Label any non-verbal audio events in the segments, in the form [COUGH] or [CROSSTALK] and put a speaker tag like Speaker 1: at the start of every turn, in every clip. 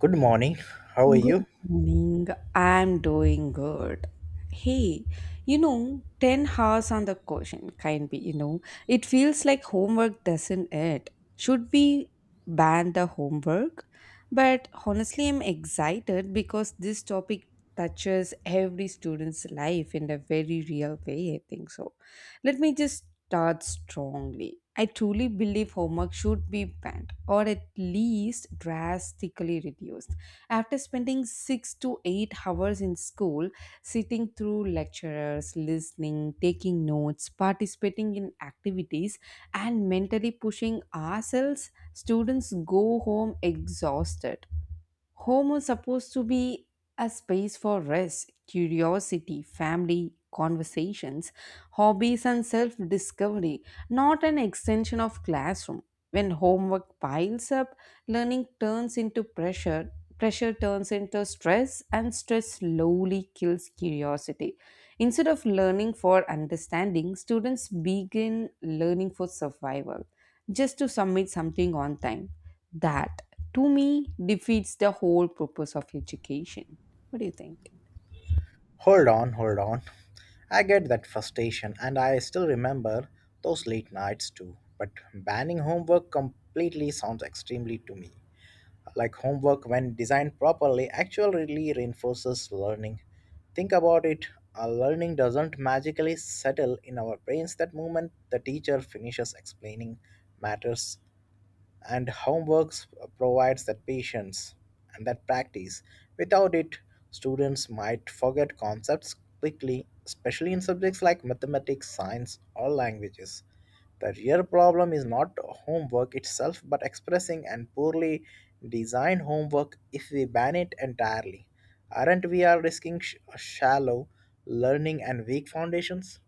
Speaker 1: Good morning. How are
Speaker 2: Good
Speaker 1: you?
Speaker 2: morning. I'm doing good. Hey, 10 hours on the question can be, it feels like homework, doesn't it? Should we ban the homework? But honestly, I'm excited because this topic touches every student's life in a very real way, I think so. Let me just start strongly. I truly believe homework should be banned or at least drastically reduced. After spending 6 to 8 hours in school, sitting through lecturers, listening, taking notes, participating in activities, and mentally pushing ourselves, students go home exhausted. Home is supposed to be a space for rest, curiosity, family, conversations, hobbies, and self discovery, not an extension of classroom. When homework piles up, learning turns into pressure, pressure turns into stress, and stress slowly kills curiosity. Instead of learning for understanding, students begin learning for survival, just to submit something on time. That, to me, defeats the whole purpose of education. What do you think?
Speaker 1: Hold on, hold on. I get that frustration and I still remember those late nights too. But banning homework completely sounds extremely to me. Like homework when designed properly actually reinforces learning. Think about it, our learning doesn't magically settle in our brains that moment the teacher finishes explaining matters and homework provides that patience and that practice. Without it, students might forget concepts quickly, especially in subjects like mathematics, science, or languages. The real problem is not homework itself, but expressing and poorly designed homework if we ban it entirely. Aren't we are risking shallow learning and weak foundations?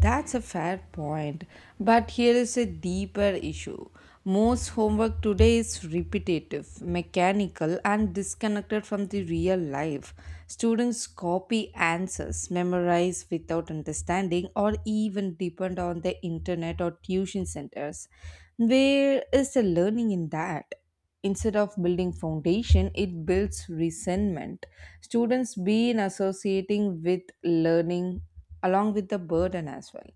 Speaker 2: That's a fair point, but here is a deeper issue. Most homework today is repetitive, mechanical, and disconnected from the real life. Students copy answers, memorize without understanding, or even depend on the internet or tuition centers. Where is the learning in that? Instead of building foundation, it builds resentment. Students been associating with learning along with the burden as well.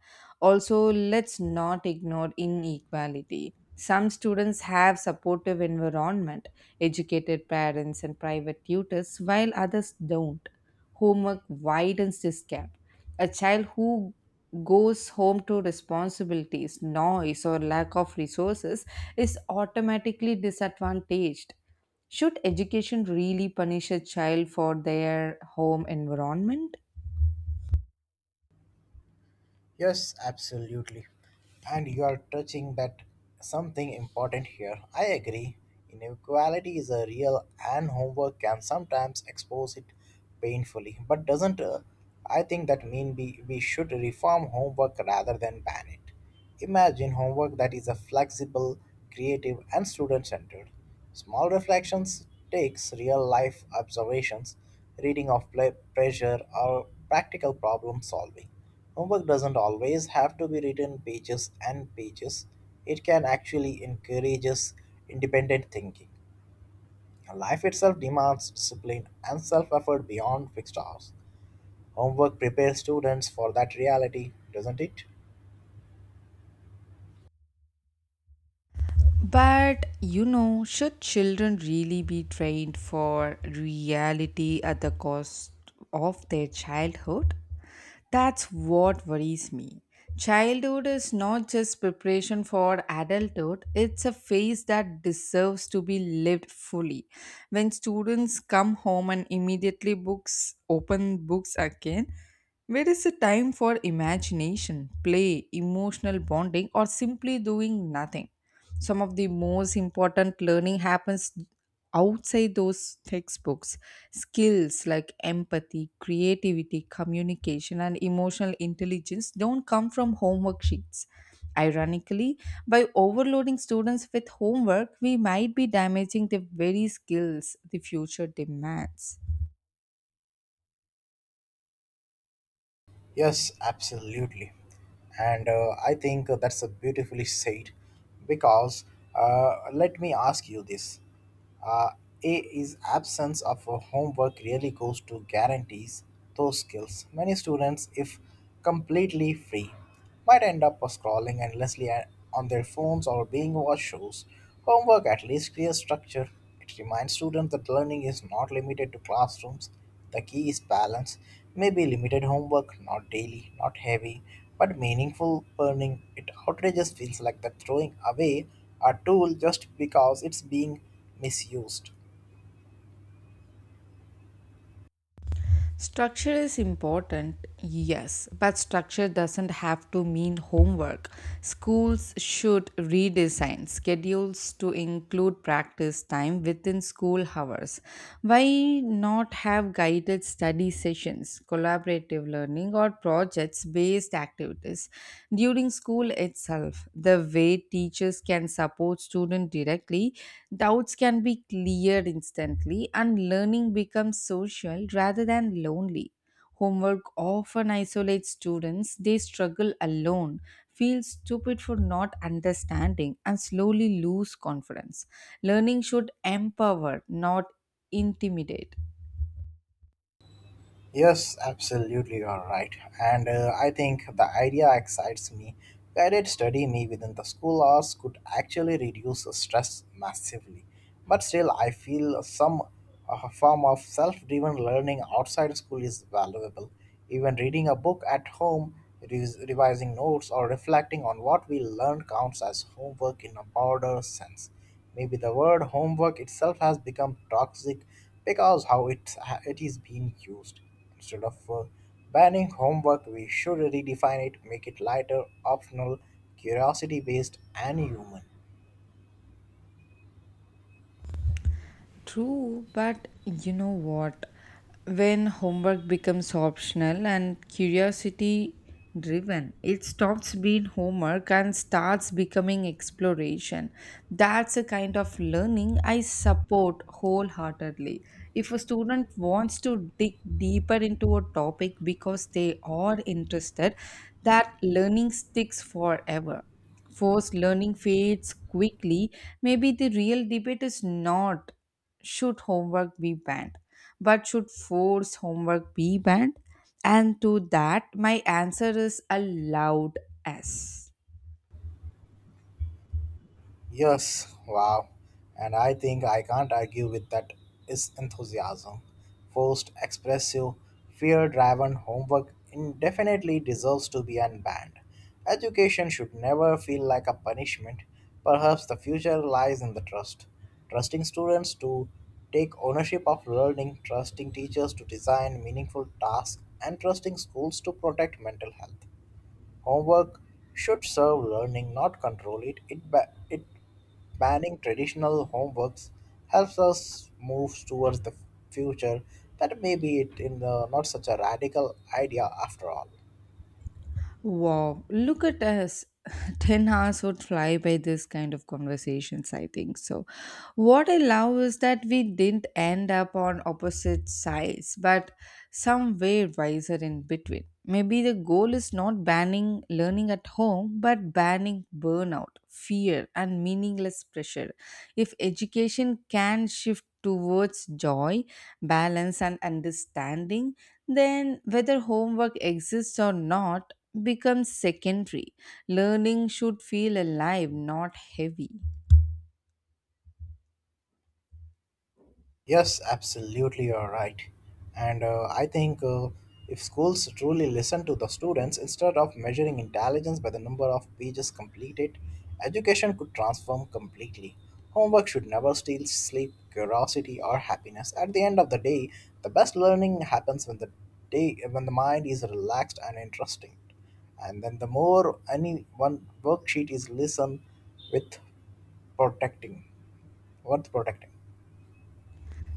Speaker 2: Also, let's not ignore inequality. Some students have supportive environment, educated parents and private tutors, while others don't. Homework widens this gap. A child who goes home to responsibilities, noise, or lack of resources is automatically disadvantaged. Should education really punish a child for their home environment?
Speaker 1: Yes, absolutely. And you are touching that something important here. I agree. Inequality is a real and homework can sometimes expose it painfully, but doesn't I think that mean we should reform homework rather than ban it. Imagine homework that is a flexible, creative, and student centered. Small reflections takes real life observations, reading of pressure, or practical problem solving. Homework doesn't always have to be written pages and pages, it can actually encourages independent thinking. Life itself demands discipline and self effort beyond fixed hours. Homework prepares students for that reality, doesn't it?
Speaker 2: But should children really be trained for reality at the cost of their childhood? That's what worries me. Childhood is not just preparation for adulthood, it's a phase that deserves to be lived fully. When students come home and immediately books open books again, where is the time for imagination, play, emotional bonding, or simply doing nothing? Some of the most important learning happens outside those textbooks. Skills like empathy, creativity, communication, and emotional intelligence don't come from homework sheets. Ironically, by overloading students with homework, we might be damaging the very skills the future demands.
Speaker 1: Yes, absolutely. And I think that's a beautifully said because let me ask you this. Uh, a is absence of a homework really goes to guarantees those skills. Many students, if completely free, might end up scrolling endlessly on their phones or being what shows. Homework at least clear structure. It reminds students that learning is not limited to classrooms. The key is balance. Maybe limited homework, not daily, not heavy, but meaningful learning. It outrageous feels like the throwing away a tool just because it's being misused.
Speaker 2: Structure is important, yes, but structure doesn't have to mean homework. Schools should redesign schedules to include practice time within school hours. Why not have guided study sessions, competitions, collaborative learning, or projects based activities? During school itself, the way teachers can support students directly, doubts can be cleared instantly, and learning becomes social rather than lonely. Homework often isolates students, they struggle alone, feel stupid for not understanding, and slowly lose confidence. Learning should empower, not intimidate.
Speaker 1: Yes, absolutely, you are right. And I think the idea excites me. Guided study me within the school hours could actually reduce the stress massively. But still, I feel some form of self driven learning outside school is valuable. Even reading a book at home, revising notes, or reflecting on what we learned counts as homework in a broader sense. Maybe the word homework itself has become toxic because it is being used. Instead of banning homework, we should redefine it, make it lighter, optional, curiosity based, and human.
Speaker 2: True, but you know what? When homework becomes optional and curiosity driven, it stops being homework and starts becoming exploration. That's a kind of learning I support wholeheartedly. If a student wants to dig deeper into a topic because they are interested, that learning sticks forever. Forced learning fades quickly. Maybe the real debate is not should homework be banned, but should forced homework be banned, and to that my answer is a loud yes.
Speaker 1: Yes, wow. And I think I can't argue with that is enthusiasm. Forced, expressive, fear driven homework indefinitely deserves to be unbanned. Education should never feel like a punishment. Perhaps the future lies in the trust. Trusting students to take ownership of learning, trusting teachers to design meaningful tasks, and trusting schools to protect mental health. Homework should serve learning, not control it. It banning traditional homeworks helps us move towards the future that maybe it in the not such a radical idea after all.
Speaker 2: Wow, look at us. [LAUGHS] 10 hours would fly by this kind of conversations, I think. So, what I love is that we didn't end up on opposite sides, but somewhere wiser in between. Maybe the goal is not banning learning at home, but banning burnout, fear, and meaningless pressure. If education can shift towards joy, balance, and understanding, then whether homework exists or not, becomes secondary. Learning should feel alive, not heavy.
Speaker 1: Yes, absolutely, you're right. And I think If schools truly listen to the students instead of measuring intelligence by the number of pages completed, education could transform completely. Homework should never steal sleep, curiosity, or happiness. At the end of the day, the best learning happens when the day when the mind is relaxed and interesting. And then the more any one worksheet is listened with protecting, worth protecting.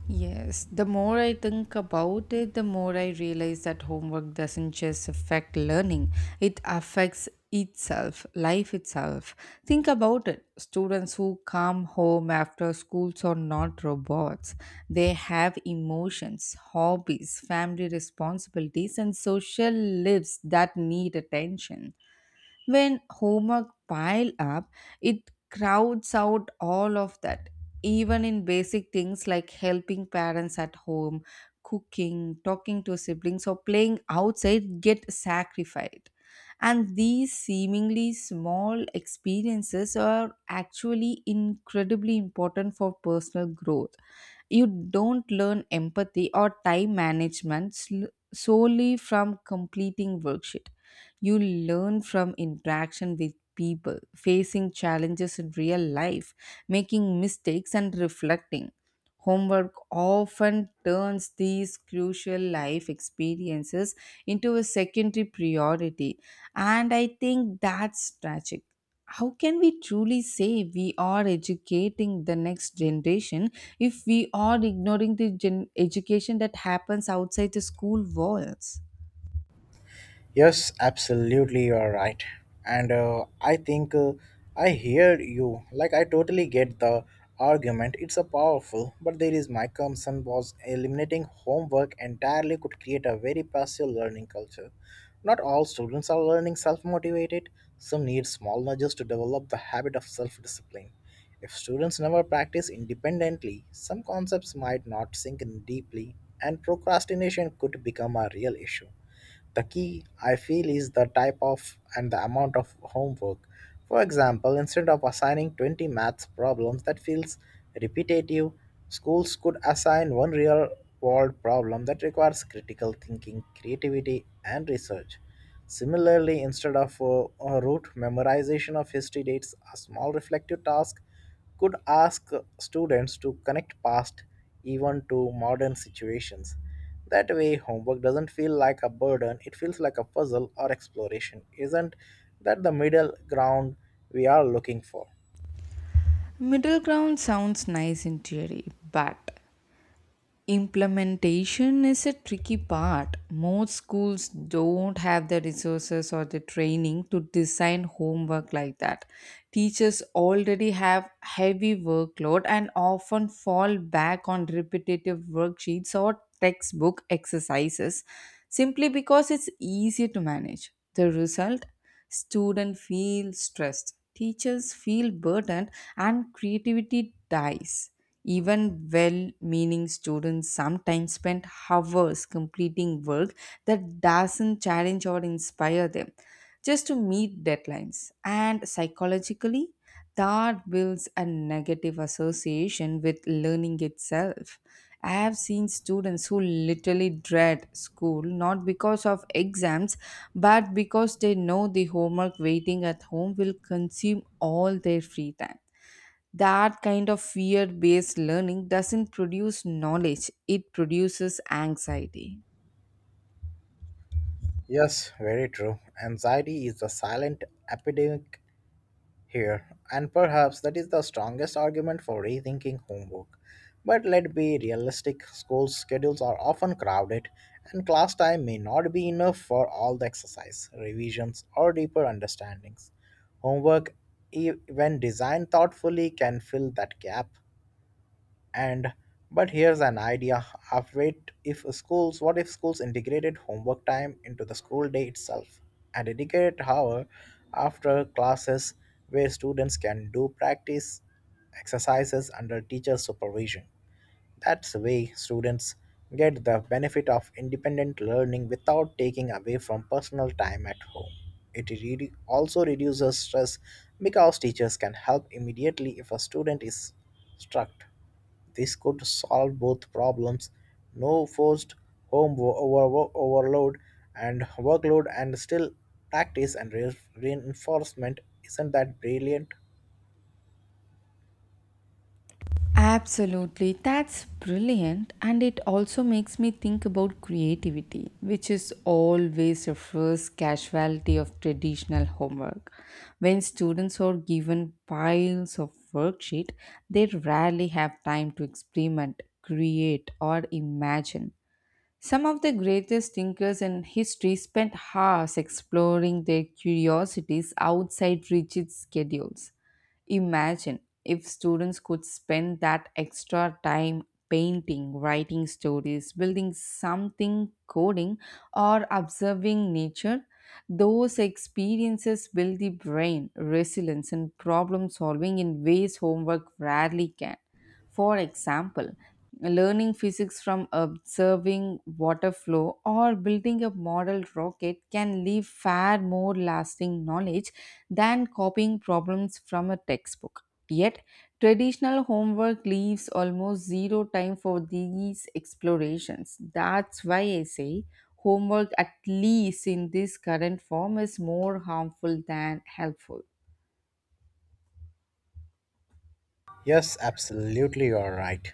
Speaker 2: Yes, the more I think about it, the more I realize that homework doesn't just affect learning, it affects itself, life itself. Think about it. Students who come home after schools are not robots. They have emotions, hobbies, family responsibilities, and social lives that need attention. When homework pile up, it crowds out all of that. Even in basic things like helping parents at home, cooking, talking to siblings, or playing outside get sacrificed. And these seemingly small experiences are actually incredibly important for personal growth. You don't learn empathy or time management solely from completing worksheet. You learn from interaction with people, facing challenges in real life, making mistakes and reflecting. Homework often turns these crucial life experiences into a secondary priority, and I think that's tragic. How can we truly say we are educating the next generation if we are ignoring the education that happens outside the school walls?
Speaker 1: Yes, absolutely, you are right. And I think I hear you. Like, I totally get the argument. It's a powerful, but there is my concern was eliminating homework entirely could create a very passive learning culture. Not all students are learning self motivated, some need small nudges to develop the habit of self discipline. If students never practice independently, some concepts might not sink in deeply, and procrastination could become a real issue. The key, I feel, is the type of and the amount of homework. For example, instead of assigning 20 math problems that feels repetitive, schools could assign one real world problem that requires critical thinking, creativity, and research. Similarly, instead of a rote memorization of history dates, a small reflective task could ask students to connect past even to modern situations. That way, homework doesn't feel like a burden, it feels like a puzzle or exploration. Isn't that the middle ground we are looking for?
Speaker 2: Middle ground sounds nice in theory, but implementation is a tricky part. Most schools don't have the resources or the training to design homework like that. Teachers already have heavy workload and often fall back on repetitive worksheets or textbook exercises simply because it's easier to manage. The result: students feel stressed, teachers feel burdened, and creativity dies. Even well meaning students sometimes spend hours completing work that doesn't challenge or inspire them just to meet deadlines. And psychologically, that builds a negative association with learning itself. I have seen students who literally dread school not because of exams but because they know the homework waiting at home will consume all their free time. That kind of fear based learning doesn't produce knowledge, it produces anxiety.
Speaker 1: Yes, very true. Anxiety is a silent epidemic here, and perhaps that is the strongest argument for rethinking homework. But let's be realistic school schedules are often crowded, and class time may not be enough for all the exercise, revisions, or deeper understandings. Homework, when designed thoughtfully, can fill that gap and but here's an idea of it if schools what if schools integrated homework time into the school day itself and a dedicated hour after classes where students can do practice exercises under teacher supervision that's the way students get the benefit of independent learning without taking away from personal time at home it really also reduces stress because teachers can help immediately if a student is struck this could solve both problems no forced overload and workload, and still practice and reinforcement. Isn't that brilliant?
Speaker 2: Absolutely, that's brilliant, and it also makes me think about creativity, which is always a first casualty of traditional homework. When students are given piles of worksheet, they rarely have time to experiment, create, or imagine. Some of the greatest thinkers in history spent hours exploring their curiosities outside rigid schedules. Imagine if students could spend that extra time painting, writing stories, building something, coding, or observing nature. Those experiences build the brain, resilience, and problem solving in ways homework rarely can. For example, learning physics from observing water flow or building a model rocket can leave far more lasting knowledge than copying problems from a textbook. Yet, traditional homework leaves almost zero time for these explorations. That's why I say homework, at least in this current form, is more harmful than helpful.
Speaker 1: Yes, absolutely, you are right.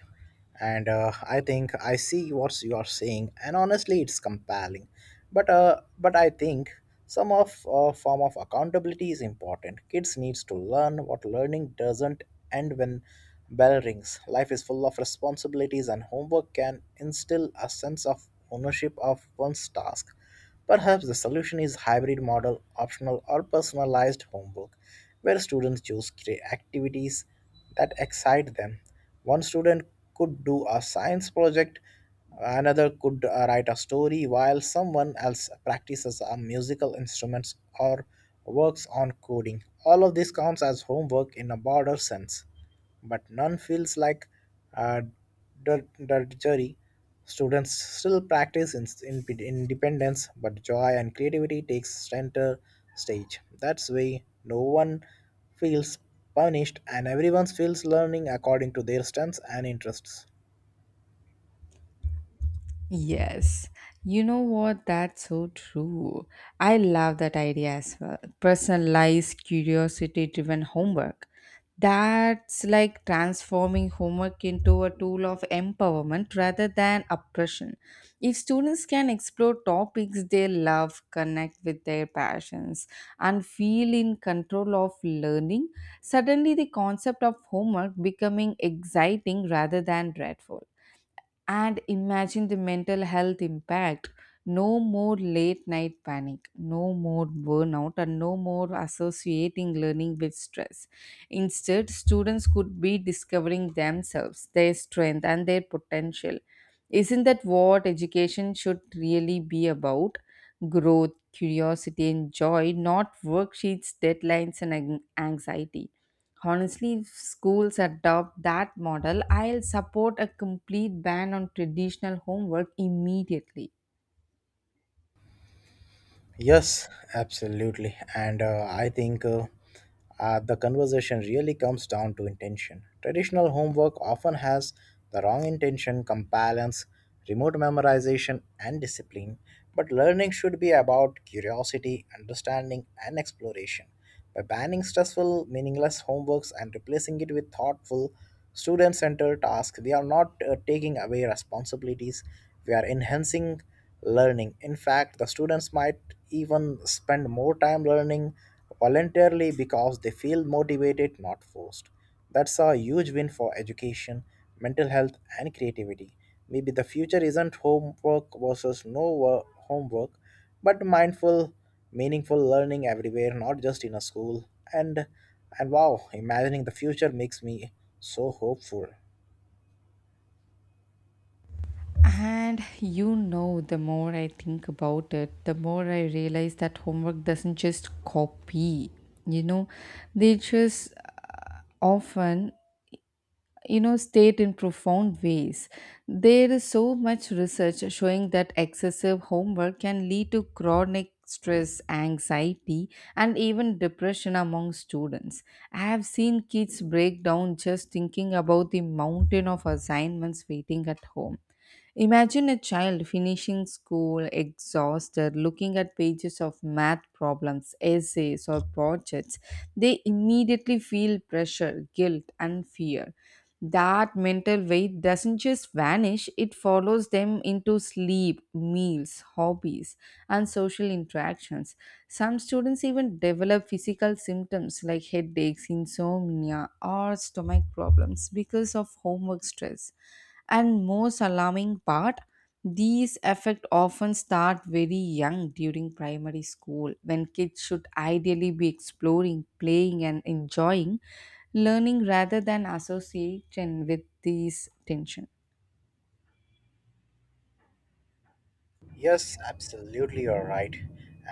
Speaker 1: And I think I see what you are saying, and honestly, it's compelling. But I think some of form of accountability is important. Kids needs to learn what learning doesn't end when bell rings. Life is full of responsibilities, and homework can instill a sense of ownership of one's task. Perhaps the solution is hybrid model, optional or personalized homework, where students choose activities that excite them. One student could do a science project, another could write a story, while someone else practices a musical instruments or works on coding. All of this counts as homework in a broader sense but none feels like a drudgery. Students still practice independence, but joy and creativity takes center stage. That's why no one feels punished and everyone feels learning according to their strengths and interests.
Speaker 2: Yes, you know what? That's so true. I love that idea as well. Personalized, curiosity driven homework. That's like transforming homework into a tool of empowerment rather than oppression. If students can explore topics they love, connect with their passions, and feel in control of learning, suddenly the concept of homework becoming exciting rather than dreadful. And imagine the mental health impact. No more late night panic, no more burnout, and no more associating learning with stress. Instead, students could be discovering themselves, their strength, and their potential. Isn't that what education should really be about? Growth, curiosity, and joy, not worksheets, deadlines, and anxiety. Honestly, if schools adopt that model, I'll support a complete ban on traditional homework immediately.
Speaker 1: Yes, absolutely. And I think The conversation really comes down to intention. Traditional homework often has the wrong intention, compliance, remote memorization, and discipline. But learning should be about curiosity, understanding, and exploration. By banning stressful, meaningless homeworks and replacing it with thoughtful, student centered tasks, we are not taking away responsibilities, we are enhancing learning. In fact, the students might even spend more time learning voluntarily because they feel motivated, not forced. That's a huge win for education, mental health, and creativity. Maybe the future isn't homework versus no wo- homework, but mindful meaningful learning everywhere not just in a school and and wow imagining the future makes me so hopeful.
Speaker 2: And the more I think about it, the more I realize that homework doesn't just copy. You know, they just often state in profound ways. There is so much research showing that excessive homework can lead to chronic stress, anxiety, and even depression among students. I have seen kids break down just thinking about the mountain of assignments waiting at home. Imagine a child finishing school exhausted, looking at pages of math problems, essays, or projects. They immediately feel pressure, guilt, and fear. That mental weight doesn't just vanish, it follows them into sleep, meals, hobbies, and social interactions. Some students even develop physical symptoms like headaches, insomnia, or stomach problems because of homework stress. And most alarming part, these effects often start very young during primary school when kids should ideally be exploring, playing, and enjoying learning rather than association with these tension.
Speaker 1: Yes, absolutely, you're right.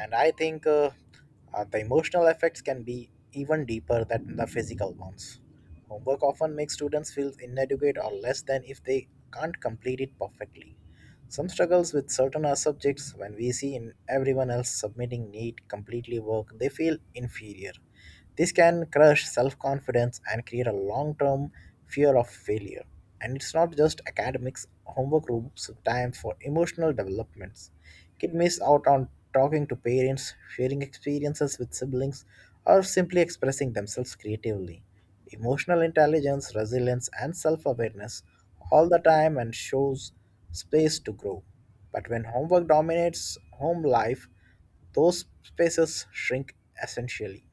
Speaker 1: and I think The emotional effects can be even deeper than the physical ones. Homework often makes students feel inadequate or less than if they can't complete it perfectly. Some struggles with certain subjects when we see in everyone else submitting neat completely work they feel inferior. This can crush self confidence and create a long term fear of failure. And it's not just academics, homework groups, time for emotional developments. Kids miss out on talking to parents, sharing experiences with siblings, or simply expressing themselves creatively. Emotional intelligence, resilience, and self awareness all the time and shows space to grow. But when homework dominates home life, those spaces shrink essentially.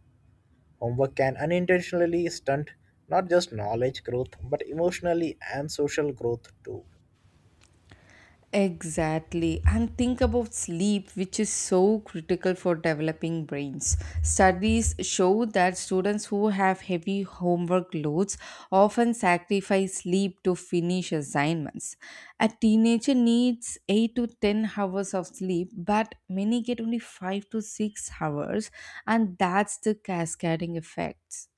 Speaker 1: Homework can unintentionally stunt not just knowledge growth, but emotionally and social growth too.
Speaker 2: Exactly. And think about sleep, which is so critical for developing brains. Studies show that students who have heavy homework loads often sacrifice sleep to finish assignments. A teenager needs 8 to 10 hours of sleep, but many get only 5 to 6 hours, and that's the cascading effect.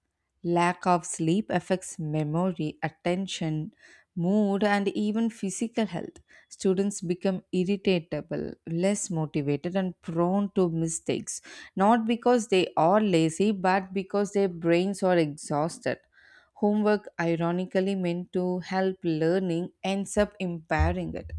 Speaker 2: Lack of sleep affects memory, attention, mood, and even physical health. Students become irritable, less motivated, and prone to mistakes, not because they are lazy, but because their brains are exhausted. Homework, ironically meant to help learning, ends up impairing it.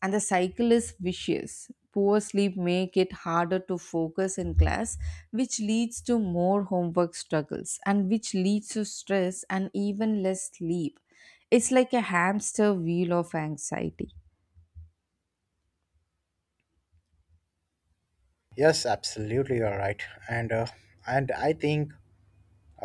Speaker 2: And the cycle is vicious. Poor sleep make it harder to focus in class, which leads to more homework struggles and which leads to stress and even less sleep. It's like a hamster wheel of anxiety.
Speaker 1: Yes, absolutely, you're right. And uh, and I think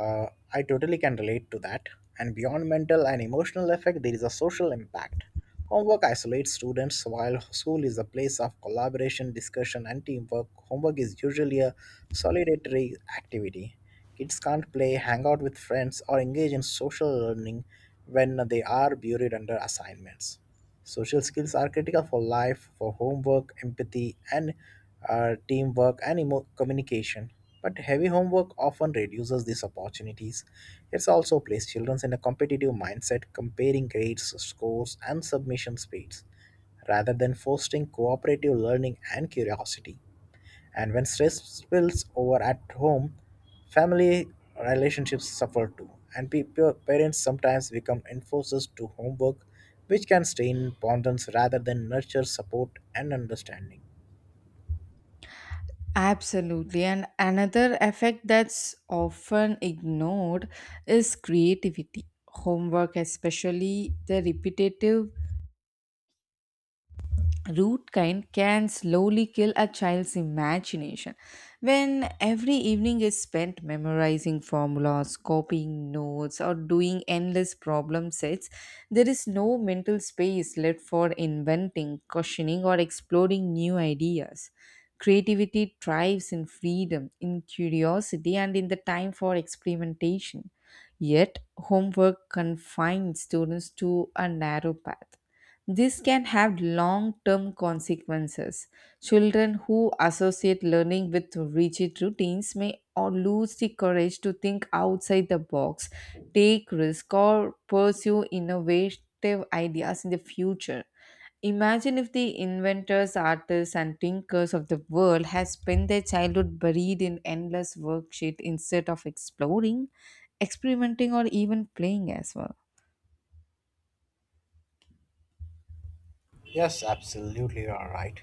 Speaker 1: Uh, I totally can relate to that. And beyond mental and emotional effect, there is a social impact. Homework isolates students while school is a place of collaboration, discussion, and teamwork. Homework is usually a solitary activity. Kids can't play, hang out with friends, or engage in social learning when they are buried under assignments. Social skills are critical for life, for homework, empathy, and teamwork and communication. But heavy homework often reduces these opportunities. It's also placed children in a competitive mindset, comparing grades, scores, and submission speeds, rather than fostering cooperative learning and curiosity. And when stress spills over at home, family relationships suffer too. And parents sometimes become enforcers to homework, which can strain bonds rather than nurture support and understanding.
Speaker 2: Absolutely. And another effect that's often ignored is creativity. Homework, especially the repetitive Rootkind, can slowly kill a child's imagination when every evening is spent memorizing formulas, copying notes, or doing endless problem sets. There is no mental space left for inventing, questioning, or exploring new ideas. Creativity thrives in freedom, in curiosity, and in the time for experimentation. Yet, homework confines students to a narrow path. This can have long term consequences. Children who associate learning with rigid routines may or lose the courage to think outside the box, take risks, or pursue innovative ideas in the future. Imagine if the inventors, artists, and thinkers of the world had spent their childhood buried in endless worksheet instead of exploring, experimenting, or even playing as well.
Speaker 1: Yes, absolutely, you are right.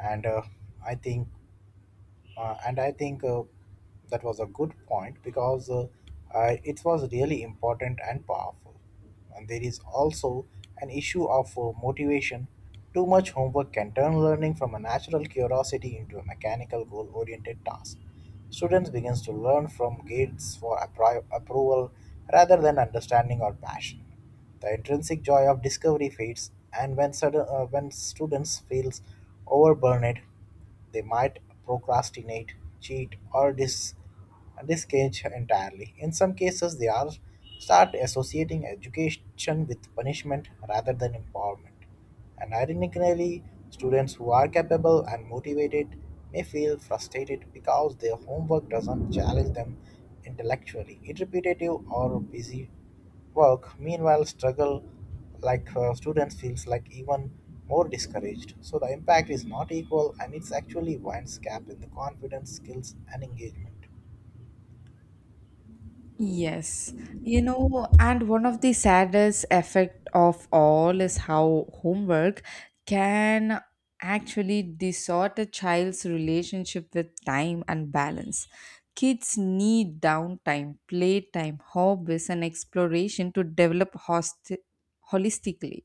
Speaker 1: And I think and I think That was a good point because I, it was really important and powerful. And there is also an issue of motivation. Too much homework can turn learning from a natural curiosity into a mechanical goal-oriented task. Students begins to learn from grades for approval rather than understanding or passion. The intrinsic joy of discovery fades, and when when students feels overburdened, they might procrastinate, cheat, or disengage entirely. In some cases, they are start associating education with punishment rather than empowerment. And ironically, students who are capable and motivated may feel frustrated because their homework doesn't challenge them intellectually. It's repetitive or busy work meanwhile struggle students feels like even more discouraged, so the impact is not equal and it's actually winds gap in the confidence skills and engagement.
Speaker 2: Yes, and one of the saddest effect of all is how homework can actually distort a child's relationship with time and balance. Kids need downtime, playtime, hobbies, and exploration to develop holistically.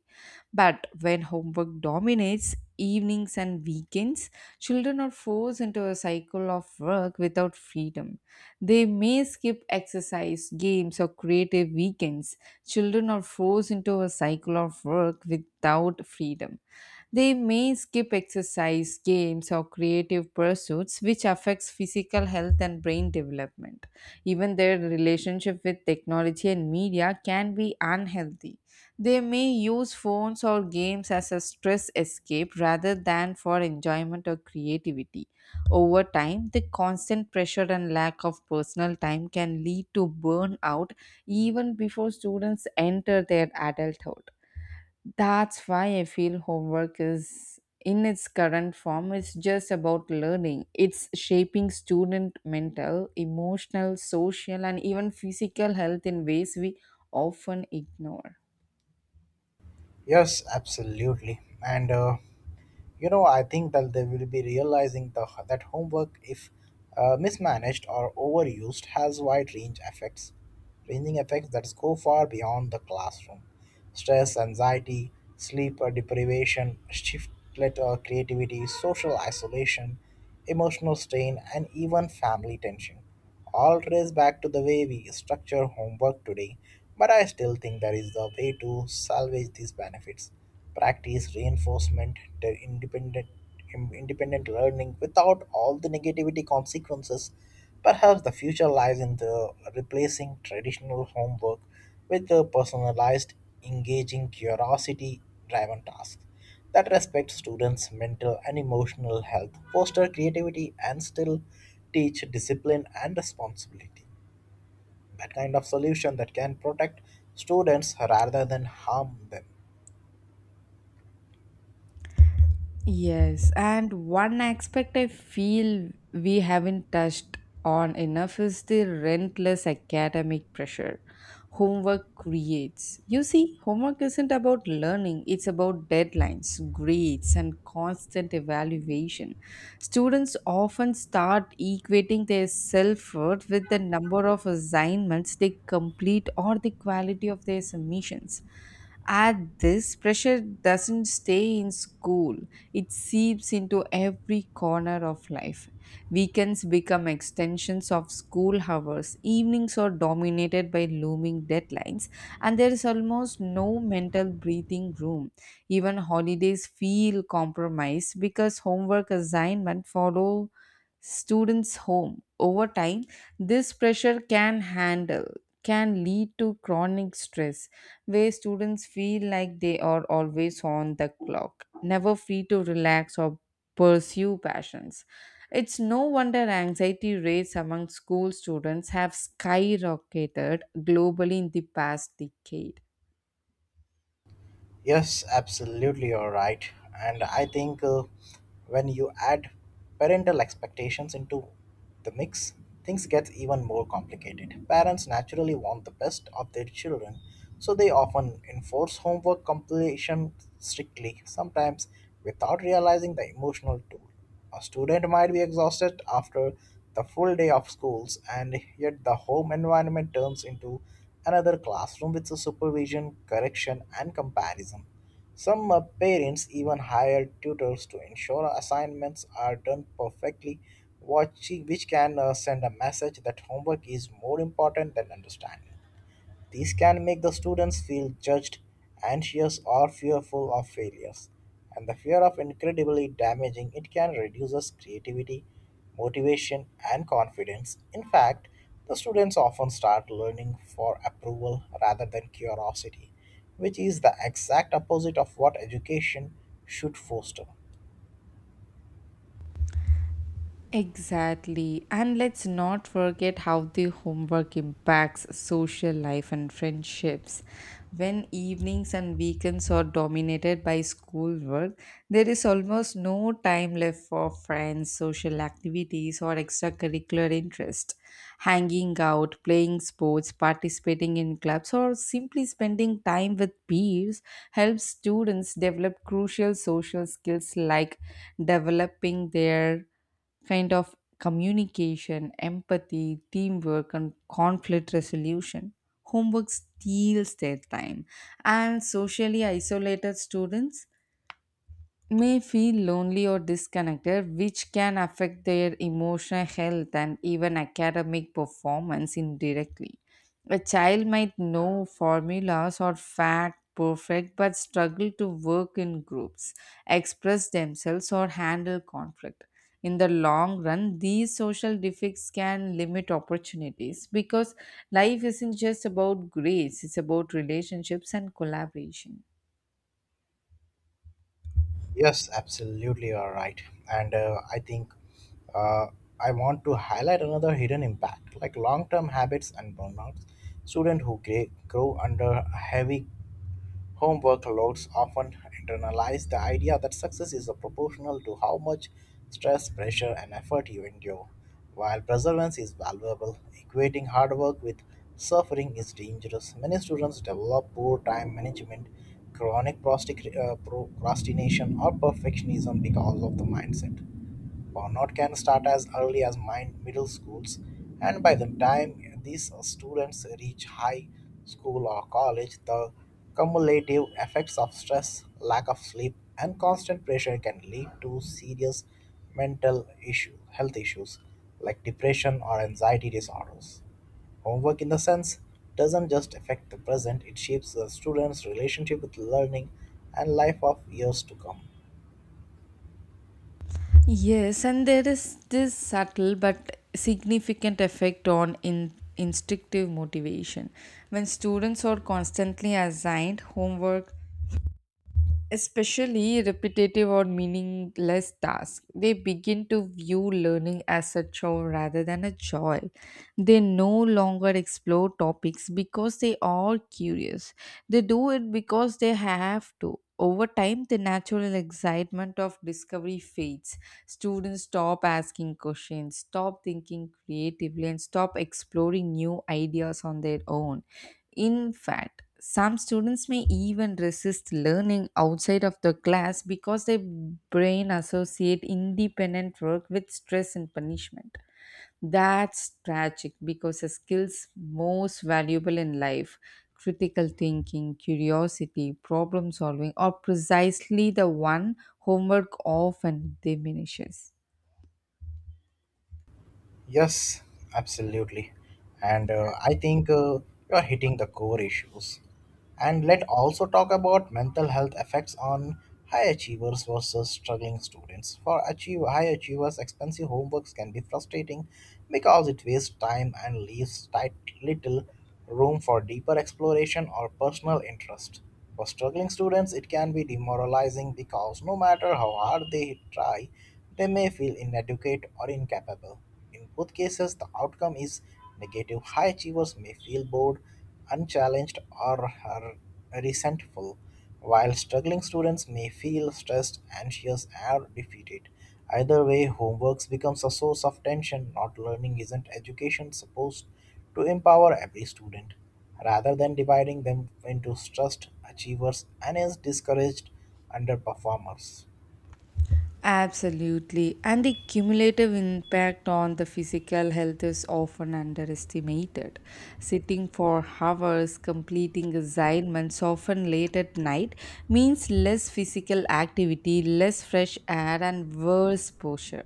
Speaker 2: But when homework dominates evenings and weekends, children are forced into a cycle of work without freedom. They may skip exercise, games, or creative weekends. Children are forced into a cycle of work without freedom. They may skip exercise, games, or creative pursuits, which affects physical health and brain development. Even their relationship with technology and media can be unhealthy. They may use phones or games as a stress escape rather than for enjoyment or creativity. Over time, the constant pressure and lack of personal time can lead to burnout even before students enter their adulthood. That's why I feel homework is in its current form, it's just about learning, it's shaping student mental, emotional, social, and even physical health in ways we often ignore.
Speaker 1: Yes, absolutely. And uh, You know, I think that they will be realizing that homework, if mismanaged or overused, has wide range effects, ranging effects that go far beyond the classroom. Stress, anxiety, sleep deprivation, shiftlet creativity, social isolation, emotional strain, and even family tension I trace back to the way we structure homework today, but I still think there is a way to salvage these benefits. Practice reinforcement, independent learning without all the negativity consequences. Perhaps the future lies in the replacing traditional homework with a personalized, engaging, curiosity driven task that respect students' mental and emotional health, foster creativity, and still teach discipline and responsibility. That kind of solution that can protect students rather than harm them.
Speaker 2: Yes, and one aspect I feel we haven't touched on enough is the relentless academic pressure homework creates. You see, homework isn't about learning, it's about deadlines, grades, and constant evaluation. Students often start equating their self worth with the number of assignments they complete or the quality of their submissions. Add this pressure doesn't stay in school, it seeps into every corner of life. Weekends become extensions of school hours, evenings are dominated by looming deadlines, and there is almost no mental breathing room. Even holidays feel compromised because homework assignment follow students home. Over time, this pressure can lead to chronic stress where students feel like they are always on the clock, never free to relax or pursue passions. It's no wonder anxiety rates among school students have skyrocketed globally in the past decade.
Speaker 1: Yes, absolutely, you're right. And I think, when you add parental expectations into the mix, things get even more complicated. Parents naturally want the best of their children, so they often enforce homework completion strictly, sometimes without realizing the emotional toll. A student might be exhausted after the full day of schools, and yet the home environment turns into another classroom with supervision, correction, and comparison. Some parents even hire tutors to ensure assignments are done perfectly, watching, which can send a message that homework is more important than understanding. This can make the students feel judged, anxious, or fearful of failures. And the fear of incredibly damaging it can reduces creativity, motivation, and confidence. In fact, the students often start learning for approval rather than curiosity, which is the exact opposite of what education should foster.
Speaker 2: Exactly. And let's not forget how the homework impacts social life and friendships. When evenings and weekends are dominated by schoolwork, there is almost no time left for friends, social activities, or extracurricular interest. Hanging out, playing sports, participating in clubs, or simply spending time with peers helps students develop crucial social skills like developing their kind of communication, empathy, teamwork, and conflict resolution. Homework steals their time, and socially isolated students may feel lonely or disconnected, which can affect their emotional health and even academic performance indirectly. A child might know formulas or fact perfect but struggle to work in groups, express themselves, or handle conflict. In the long run, these social defects can limit opportunities because life isn't just about grades, it's about relationships and collaboration.
Speaker 1: Yes, absolutely, you are right. And I think uh, I want to highlight another hidden impact, like long-term habits and burnouts. Students who grow under heavy home workloads often internalize the idea that success is proportional to how much stress, pressure, and effort you endure. While perseverance is valuable, equating hard work with suffering is dangerous. Many students develop poor time management, chronic procrastination, or perfectionism because of the mindset. Burnout can start as early as middle schools, and by the time these students reach high school or college, the cumulative effects of stress, lack of sleep, and constant pressure can lead to serious health issues like depression or anxiety disorders. Homework, in the sense, doesn't just affect the present, it shapes the student's relationship with learning and life of years to come.
Speaker 2: Yes, and there is this subtle but significant effect on in instinctive motivation. When students are constantly assigned homework, especially repetitive or meaningless tasks, they begin to view learning as a chore rather than a joy. They no longer explore topics because they are curious, they do it because they have to. Over time, the natural excitement of discovery fades. Students stop asking questions, stop thinking creatively, and stop exploring new ideas on their own. In fact, some students may even resist learning outside of the class because their brain associate independent work with stress and punishment. That's tragic because the skills most valuable in life, critical thinking, curiosity, problem solving, are precisely the one homework often diminishes.
Speaker 1: Yes, absolutely. And I think, you're hitting the core issues. And let also talk about mental health effects on high achievers versus struggling students. For achieve high achievers, expensive homeworks can be frustrating because it wastes time and leaves tight little room for deeper exploration or personal interest. For struggling students, it can be demoralizing because no matter how hard they try, they may feel inadequate or incapable. In both cases, the outcome is negative. High achievers may feel bored, unchallenged, or are resentful, while struggling students may feel stressed, anxious, or defeated. Either way, homework becomes a source of tension, not learning. Isn't education supposed to empower every student? Rather than dividing them into stressed achievers and is discouraged underperformers.
Speaker 2: Absolutely. And the cumulative impact on the physical health is often underestimated. Sitting for hours, completing assignments, often late at night, means less physical activity, less fresh air, and worse posture.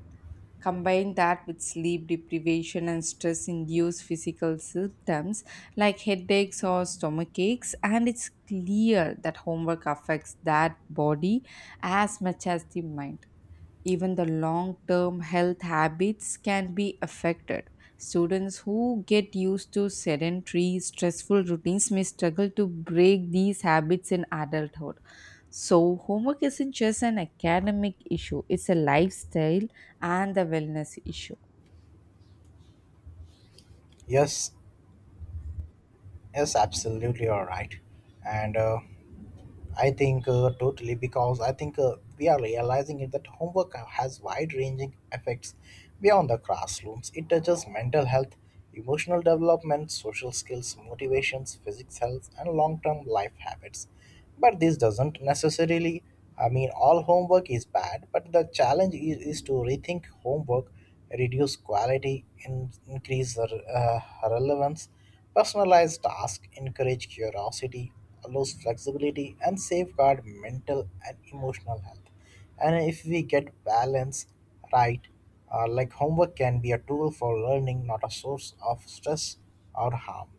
Speaker 2: Combine that with sleep deprivation and stress induced physical symptoms like headaches or stomach aches, and it's clear that homework affects that body as much as the mind. Even the long term health habits can be affected. Students who get used to sedentary, stressful routines may struggle to break these habits in adulthood. So, homework isn't just an academic issue, it's a lifestyle and a wellness issue.
Speaker 1: Yes, yes, absolutely, all right. And I think totally because I think we are realizing it that homework has wide-ranging effects beyond the classrooms. It touches mental health, emotional development, social skills, motivations, physics health, and long-term life habits. But this doesn't necessarily. I mean, all homework is bad, but the challenge is to rethink homework, reduce quality, increase the relevance, personalized tasks encourage curiosity, allows flexibility, and safeguard mental and emotional health. And if we get balance right, like homework can be a tool for learning, not a source of stress or harm.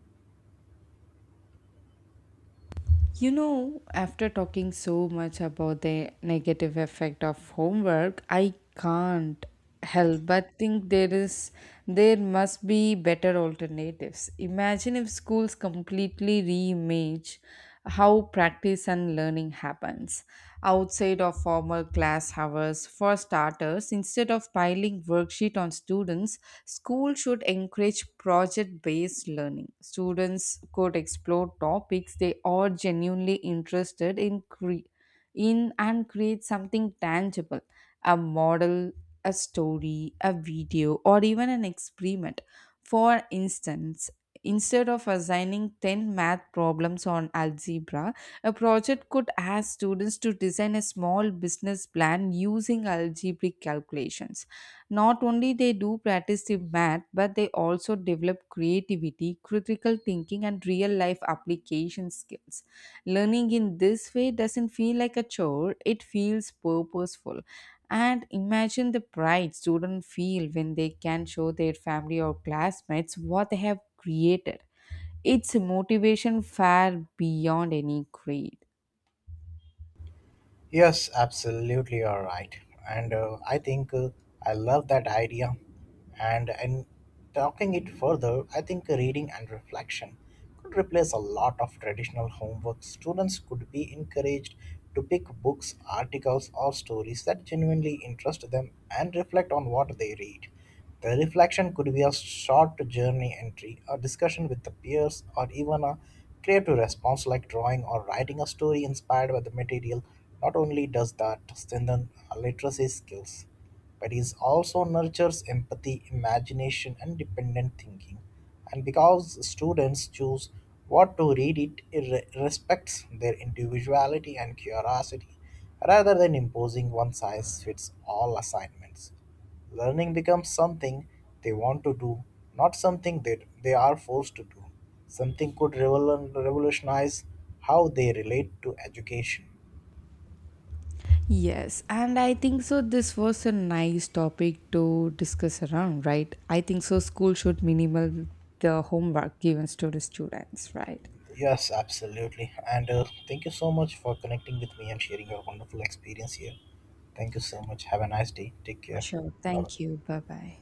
Speaker 2: You know, after talking so much about the negative effect of homework, I can't help but think there is there must be better alternatives. Imagine if schools completely reimage how practice and learning happens outside of formal class hours. For starters, instead of piling worksheet on students, school should encourage project-based learning. Students could explore topics they are genuinely interested in and create something tangible, a model, a story, a video, or even an experiment. For instance, instead of assigning 10 math problems on algebra, a project could ask students to design a small business plan using algebraic calculations. Not only they do practice the math, but they also develop creativity, critical thinking, and real life application skills. Learning in this way doesn't feel like a chore; it feels purposeful. And imagine the pride students feel when they can show their family or classmates what they have created. It's a motivation far beyond any grade.
Speaker 1: Yes, absolutely, you're right. And I think, I love that idea. And in talking it further, I think reading and reflection could replace a lot of traditional homework. Students could be encouraged to pick books, articles, or stories that genuinely interest them and reflect on what they read. The reflection could be a short journey entry, a discussion with the peers, or even a creative response like drawing or writing a story inspired by the material. Not only does that strengthen our literacy skills, but it also nurtures empathy, imagination, and dependent thinking. And because students choose what to read, it respects their individuality and curiosity rather than imposing one size fits all assignments. Learning becomes something they want to do, not something that they are forced to do. Something could revolutionize how they relate to education.
Speaker 2: Yes, and I think so. This was a nice topic to discuss around, right? I think so. School should minimal the homework given to the students, right?
Speaker 1: Yes, absolutely. And thank you so much for connecting with me and sharing your wonderful experience here. Thank you so much. Have a nice day. Take care.
Speaker 2: Sure.
Speaker 1: Bye
Speaker 2: Thank
Speaker 1: bye.
Speaker 2: you. Bye bye.